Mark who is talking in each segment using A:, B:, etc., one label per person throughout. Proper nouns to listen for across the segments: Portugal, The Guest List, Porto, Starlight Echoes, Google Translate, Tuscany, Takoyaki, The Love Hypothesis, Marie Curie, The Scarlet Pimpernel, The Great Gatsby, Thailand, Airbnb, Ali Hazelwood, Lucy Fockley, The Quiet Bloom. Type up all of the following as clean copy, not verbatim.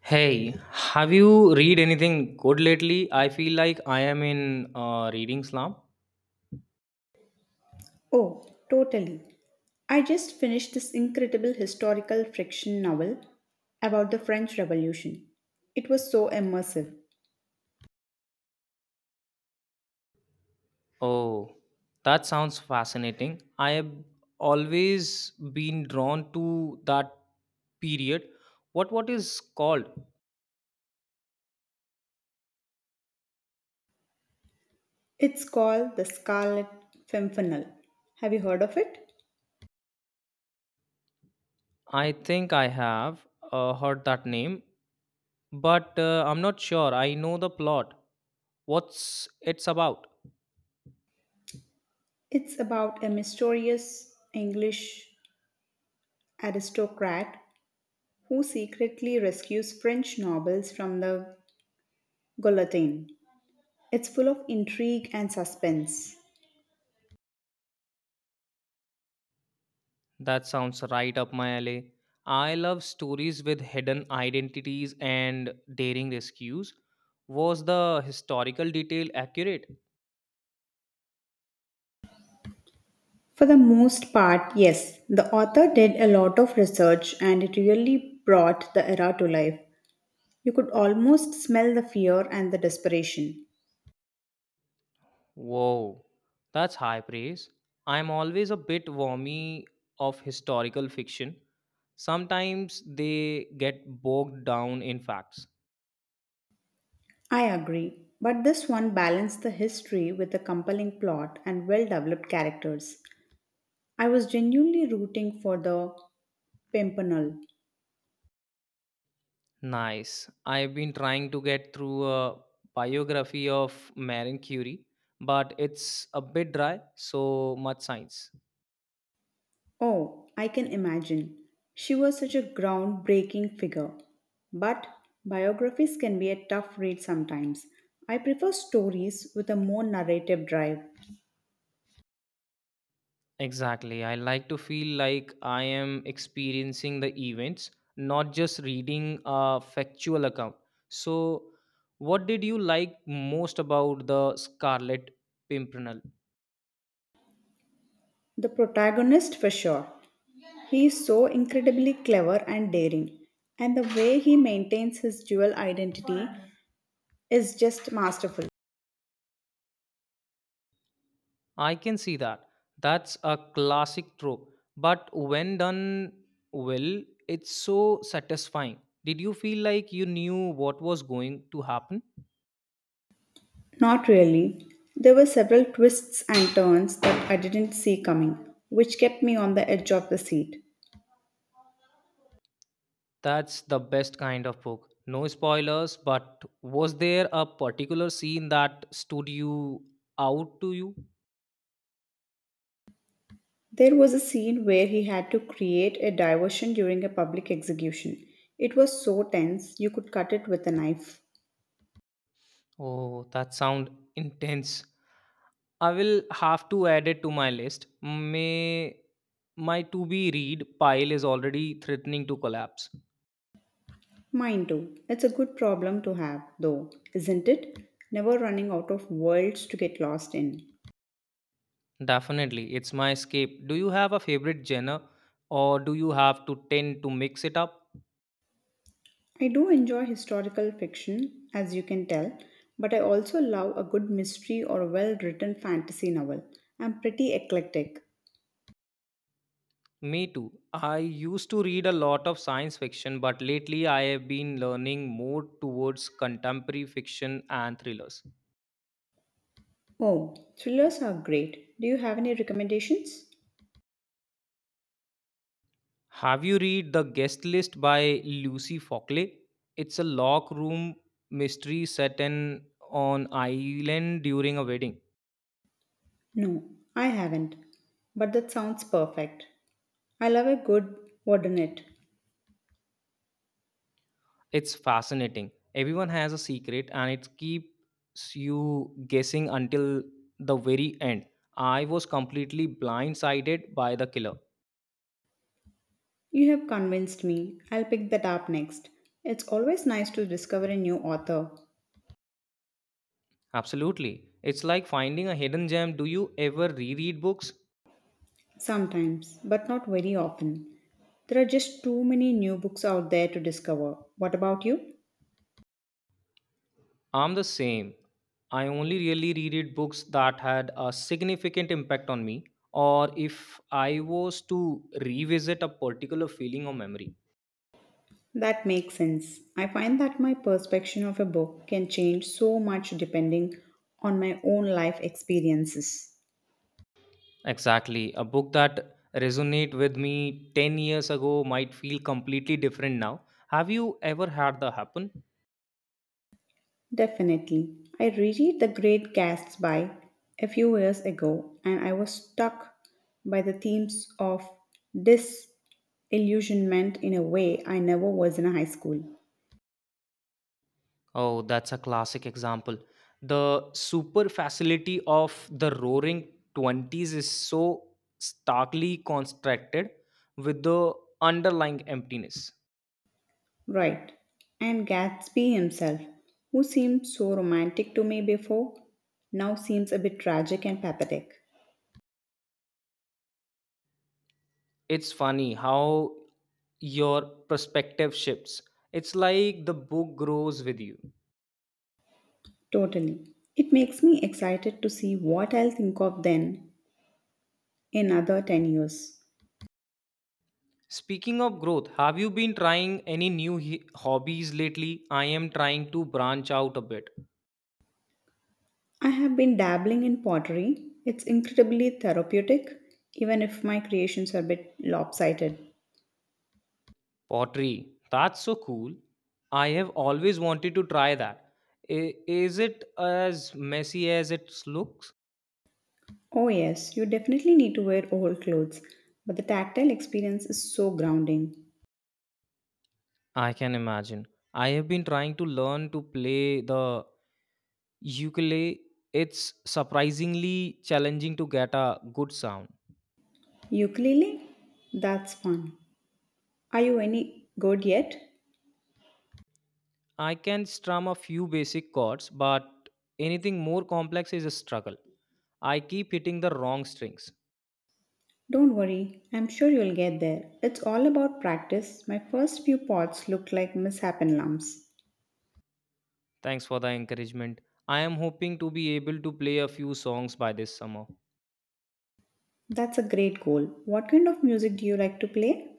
A: Hey, have you read anything good lately? I feel like I am in a reading slump.
B: Oh, totally. I just finished this incredible historical fiction novel about the French Revolution. It was so immersive.
A: Oh, that sounds fascinating. I have always been drawn to that period. What is called?
B: It's called The Scarlet Pimpernel. Have you heard of it?
A: I think I have heard that name, but I'm not sure. I know the plot. What's it's about?
B: It's about a mysterious English aristocrat who secretly rescues French nobles from the guillotine. It's full of intrigue and suspense.
A: That sounds right up my alley. I love stories with hidden identities and daring rescues. Was the historical detail accurate?
B: For the most part, yes. The author did a lot of research and it really brought the era to life. You could almost smell the fear and the desperation.
A: Whoa, that's high praise. I'm always a bit wormy of historical fiction. Sometimes they get bogged down in facts.
B: I agree. But this one balanced the history with a compelling plot and well developed characters. I was genuinely rooting for the Pimpernel.
A: Nice. I've been trying to get through a biography of Marie Curie, but it's a bit dry, so much science.
B: Oh, I can imagine. She was such a groundbreaking figure. But biographies can be a tough read sometimes. I prefer stories with a more narrative drive.
A: Exactly. I like to feel like I am experiencing the events, not just reading a factual account. So, what did you like most about the Scarlet Pimpernel?
B: The protagonist, for sure. He is so incredibly clever and daring, and the way he maintains his dual identity is just masterful.
A: I can see that. That's a classic trope, but when done well, it's so satisfying. Did you feel like you knew what was going to happen?
B: Not really. There were several twists and turns that I didn't see coming, which kept me on the edge of the seat.
A: That's the best kind of book. No spoilers, but was there a particular scene that stood you out to you?
B: There was a scene where he had to create a diversion during a public execution. It was so tense you could cut it with a knife.
A: Oh, that sound intense. I will have to add it to my list. May my to be read pile is already threatening to collapse.
B: Mind you, it's a good problem to have, though, isn't it? Never running out of worlds to get lost in.
A: Definitely, it's my escape. Do you have a favorite genre or do you have to tend to mix it up?
B: I do enjoy historical fiction, as you can tell, but I also love a good mystery or a well written fantasy novel. I'm pretty eclectic.
A: Me too. I used to read a lot of science fiction, but lately I have been learning more towards contemporary fiction and thrillers.
B: Oh, thrillers are great. Do you have any recommendations?
A: Have you read The Guest List by Lucy Fockley? It's a lock room mystery set in on island during a wedding.
B: No, I haven't. But that sounds perfect. I love a good wouldn't it?
A: It's fascinating. Everyone has a secret and it keeps you guessing until the very end. I was completely blindsided by the killer.
B: You have convinced me. I'll pick that up next. It's always nice to discover a new author.
A: Absolutely. It's like finding a hidden gem. Do you ever reread books?
B: Sometimes, but not very often. There are just too many new books out there to discover. What about you?
A: I'm the same. I only really reread books that had a significant impact on me, or if I was to revisit a particular feeling or memory.
B: That makes sense. I find that my perception of a book can change so much depending on my own life experiences.
A: Exactly. A book that resonate with me 10 years ago might feel completely different now. Have you ever had that happen?
B: Definitely. I reread The Great Gatsby a few years ago and I was struck by the themes of disillusionment in a way I never was in high school.
A: Oh, that's a classic example. The super facility of the roaring 20s is so starkly contrasted with the underlying emptiness.
B: Right. And Gatsby himself, who seemed so romantic to me before, now seems a bit tragic and pathetic.
A: It's funny how your perspective shifts. It's like the book grows with you.
B: Totally. It makes me excited to see what I'll think of then in another 10 years.
A: Speaking of growth, have you been trying any new hobbies lately? I am trying to branch out a bit.
B: I have been dabbling in pottery. It's incredibly therapeutic, even if my creations are a bit lopsided.
A: Pottery. That's so cool. I have always wanted to try that. Is it as messy as it looks?
B: Oh, yes, you definitely need to wear old clothes, but the tactile experience is so grounding.
A: I can imagine. I have been trying to learn to play the ukulele. It's surprisingly challenging to get a good sound.
B: Ukulele? That's fun. Are you any good yet?
A: I can strum a few basic chords, but anything more complex is a struggle. I keep hitting the wrong strings.
B: Don't worry, I'm sure you'll get there. It's all about practice. My first few pots looked like misshapen lumps.
A: Thanks for the encouragement. I am hoping to be able to play a few songs by this summer.
B: That's a great goal. What kind of music do you like to play?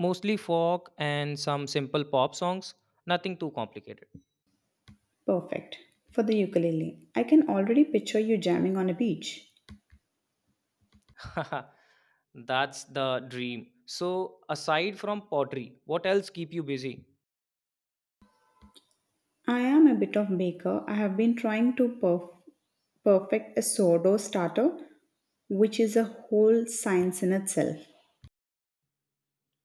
A: Mostly folk and some simple pop songs, nothing too complicated.
B: Perfect. For the ukulele, I can already picture you jamming on a beach.
A: That's the dream. So, aside from pottery, what else keep you busy?
B: I am a bit of baker. I have been trying to perfect a sourdough starter, which is a whole science in itself.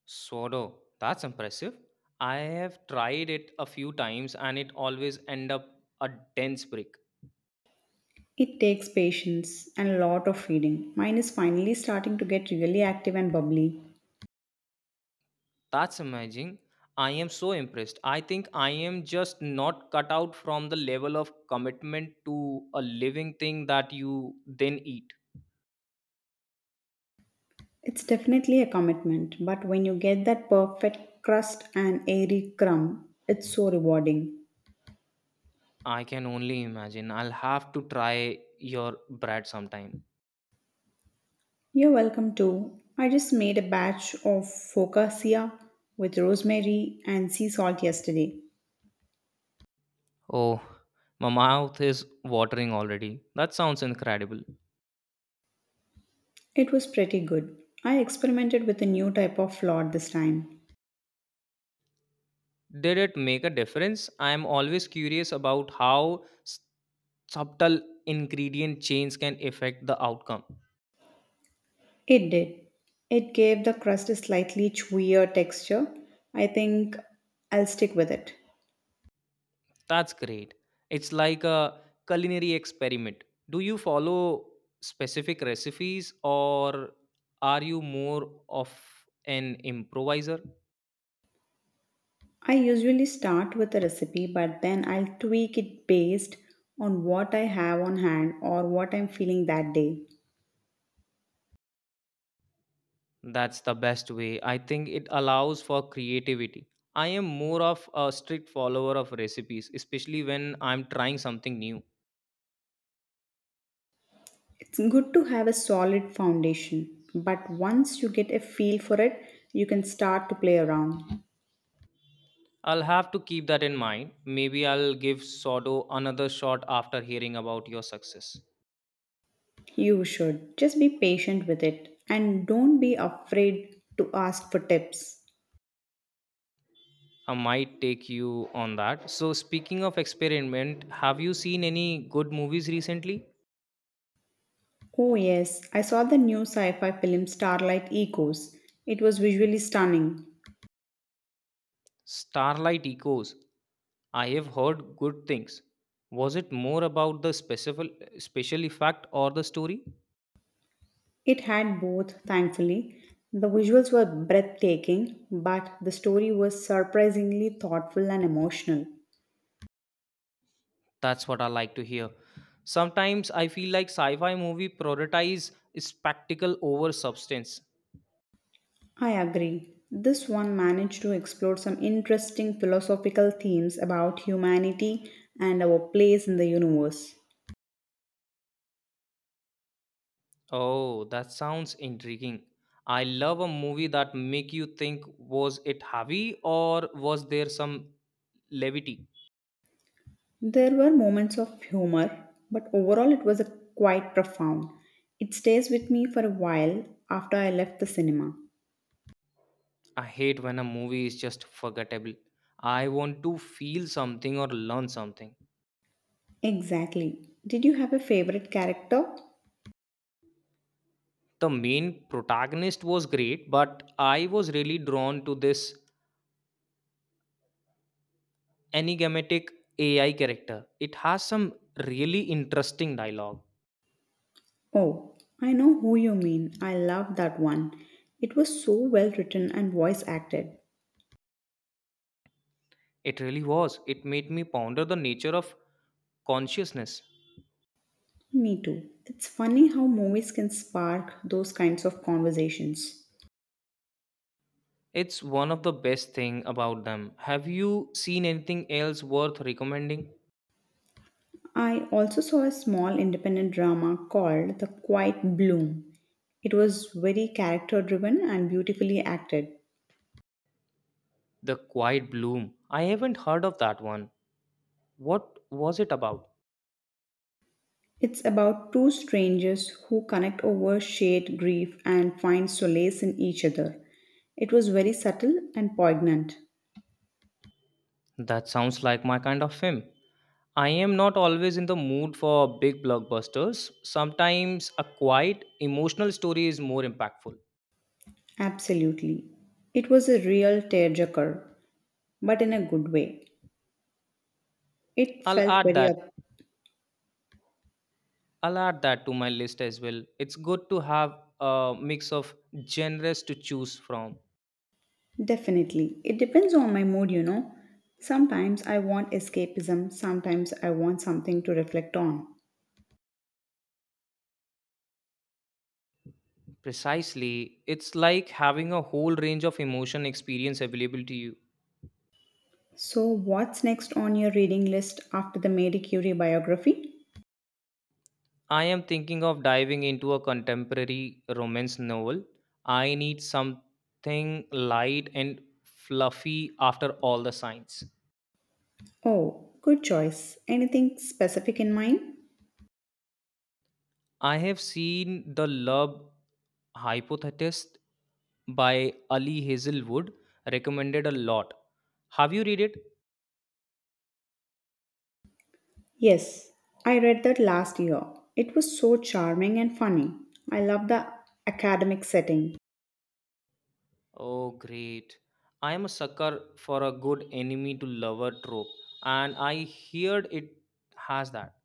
A: Sodo. That's impressive. I have tried it a few times and it always end up a dense brick.
B: It takes patience and a lot of feeding. Mine is finally starting to get really active and bubbly.
A: That's amazing. I am so impressed. I think I am just not cut out from the level of commitment to a living thing that you then eat.
B: It's definitely a commitment, but when you get that perfect crust and airy crumb, it's so rewarding.
A: I can only imagine. I'll have to try your bread sometime.
B: You're welcome too. I just made a batch of focaccia with rosemary and sea salt yesterday.
A: Oh, my mouth is watering already. That sounds incredible.
B: It was pretty good. I experimented with a new type of flour this time.
A: Did it make a difference? I am always curious about how subtle ingredient change can affect the outcome.
B: It did. It gave the crust a slightly chewier texture. I think I'll stick with it.
A: That's great. It's like a culinary experiment. Do you follow specific recipes or are you more of an improviser?
B: I usually start with a recipe, but then I'll tweak it based on what I have on hand or what I'm feeling that day.
A: That's the best way. I think it allows for creativity. I am more of a strict follower of recipes, especially when I'm trying something new.
B: It's good to have a solid foundation, but once you get a feel for it, you can start to play around.
A: I'll have to keep that in mind. Maybe I'll give sourdough another shot after hearing about your success.
B: You should just be patient with it and don't be afraid to ask for tips.
A: I might take you on that. So, speaking of experiment, have you seen any good movies recently?
B: Oh, yes, I saw the new sci fi film Starlight Echoes. It was visually stunning.
A: Starlight Echoes. I have heard good things. Was it more about the special effect or the story?
B: It had both, thankfully. The visuals were breathtaking, but the story was surprisingly thoughtful and emotional.
A: That's what I like to hear. Sometimes I feel like sci-fi movie prioritize spectacle over substance.
B: I agree. This one managed to explore some interesting philosophical themes about humanity and our place in the universe.
A: Oh, that sounds intriguing. I love a movie that make you think was it heavy or was there some levity?
B: There were moments of humor, but overall it was a quite profound. It stays with me for a while after I left the cinema.
A: I hate when a movie is just forgettable. I want to feel something or learn something.
B: Exactly. Did you have a favorite character?
A: The main protagonist was great, but I was really drawn to this enigmatic AI character. It has some really interesting dialogue.
B: Oh, I know who you mean. I love that one. It was so well written and voice acted.
A: It really was. It made me ponder the nature of consciousness.
B: Me too. It's funny how movies can spark those kinds of conversations.
A: It's one of the best thing about them. Have you seen anything else worth recommending?
B: I also saw a small independent drama called The Quiet Bloom. It was very character driven and beautifully acted.
A: The Quiet Bloom. I haven't heard of that one. What was it about?
B: It's about two strangers who connect over shared grief and find solace in each other. It was very subtle and poignant.
A: That sounds like my kind of film. I am not always in the mood for big blockbusters. Sometimes a quiet, emotional story is more impactful.
B: Absolutely. It was a real tearjerker, but in a good way. It
A: I'll
B: felt
A: add
B: very.
A: that. I'll add that to my list as well. It's good to have a mix of genres to choose from.
B: Definitely. It depends on my mood, you know. Sometimes I want escapism, sometimes I want something to reflect on.
A: Precisely, it's like having a whole range of emotion experience available to you.
B: So, what's next on your reading list after the Marie Curie biography?
A: I am thinking of diving into a contemporary romance novel. I need something light and fluffy after all the signs.
B: Oh, good choice. Anything specific in mind?
A: I have seen The Love Hypothesis by Ali Hazelwood recommended a lot. Have you read it?
B: Yes, I read that last year. It was so charming and funny. I love the academic setting.
A: Oh, great. I am a sucker for a good enemy to lover trope, and I heard it has that.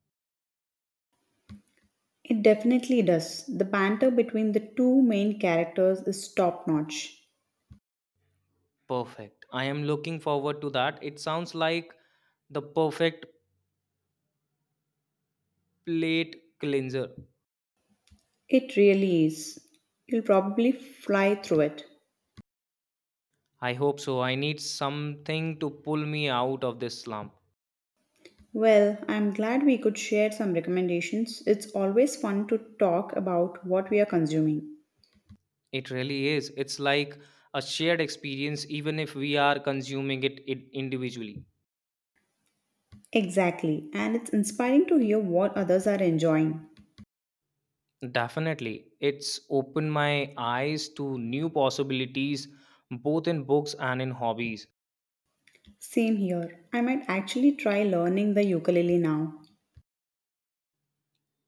B: It definitely does. The banter between the two main characters is top notch.
A: Perfect. I am looking forward to that. It sounds like the perfect plate cleanser.
B: It really is. You'll probably fly through it.
A: I hope so. I need something to pull me out of this slump.
B: Well, I'm glad we could share some recommendations. It's always fun to talk about what we are consuming.
A: It really is. It's like a shared experience, even if we are consuming it individually.
B: Exactly, and it's inspiring to hear what others are enjoying.
A: Definitely. It's opened my eyes to new possibilities, both in books and in hobbies.
B: Same here. I might actually try learning the ukulele now.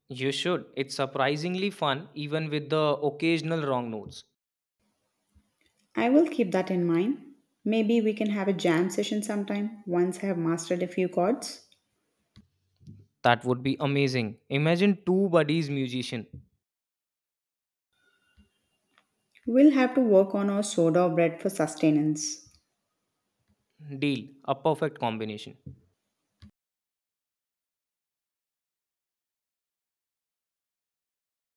A: You should. It's surprisingly fun, even with the occasional wrong notes.
B: I will keep that in mind. Maybe we can have a jam session sometime once I have mastered a few chords.
A: That would be amazing. Imagine two buddies musician.
B: We'll have to work on our soda bread for sustenance.
A: Deal. A perfect combination.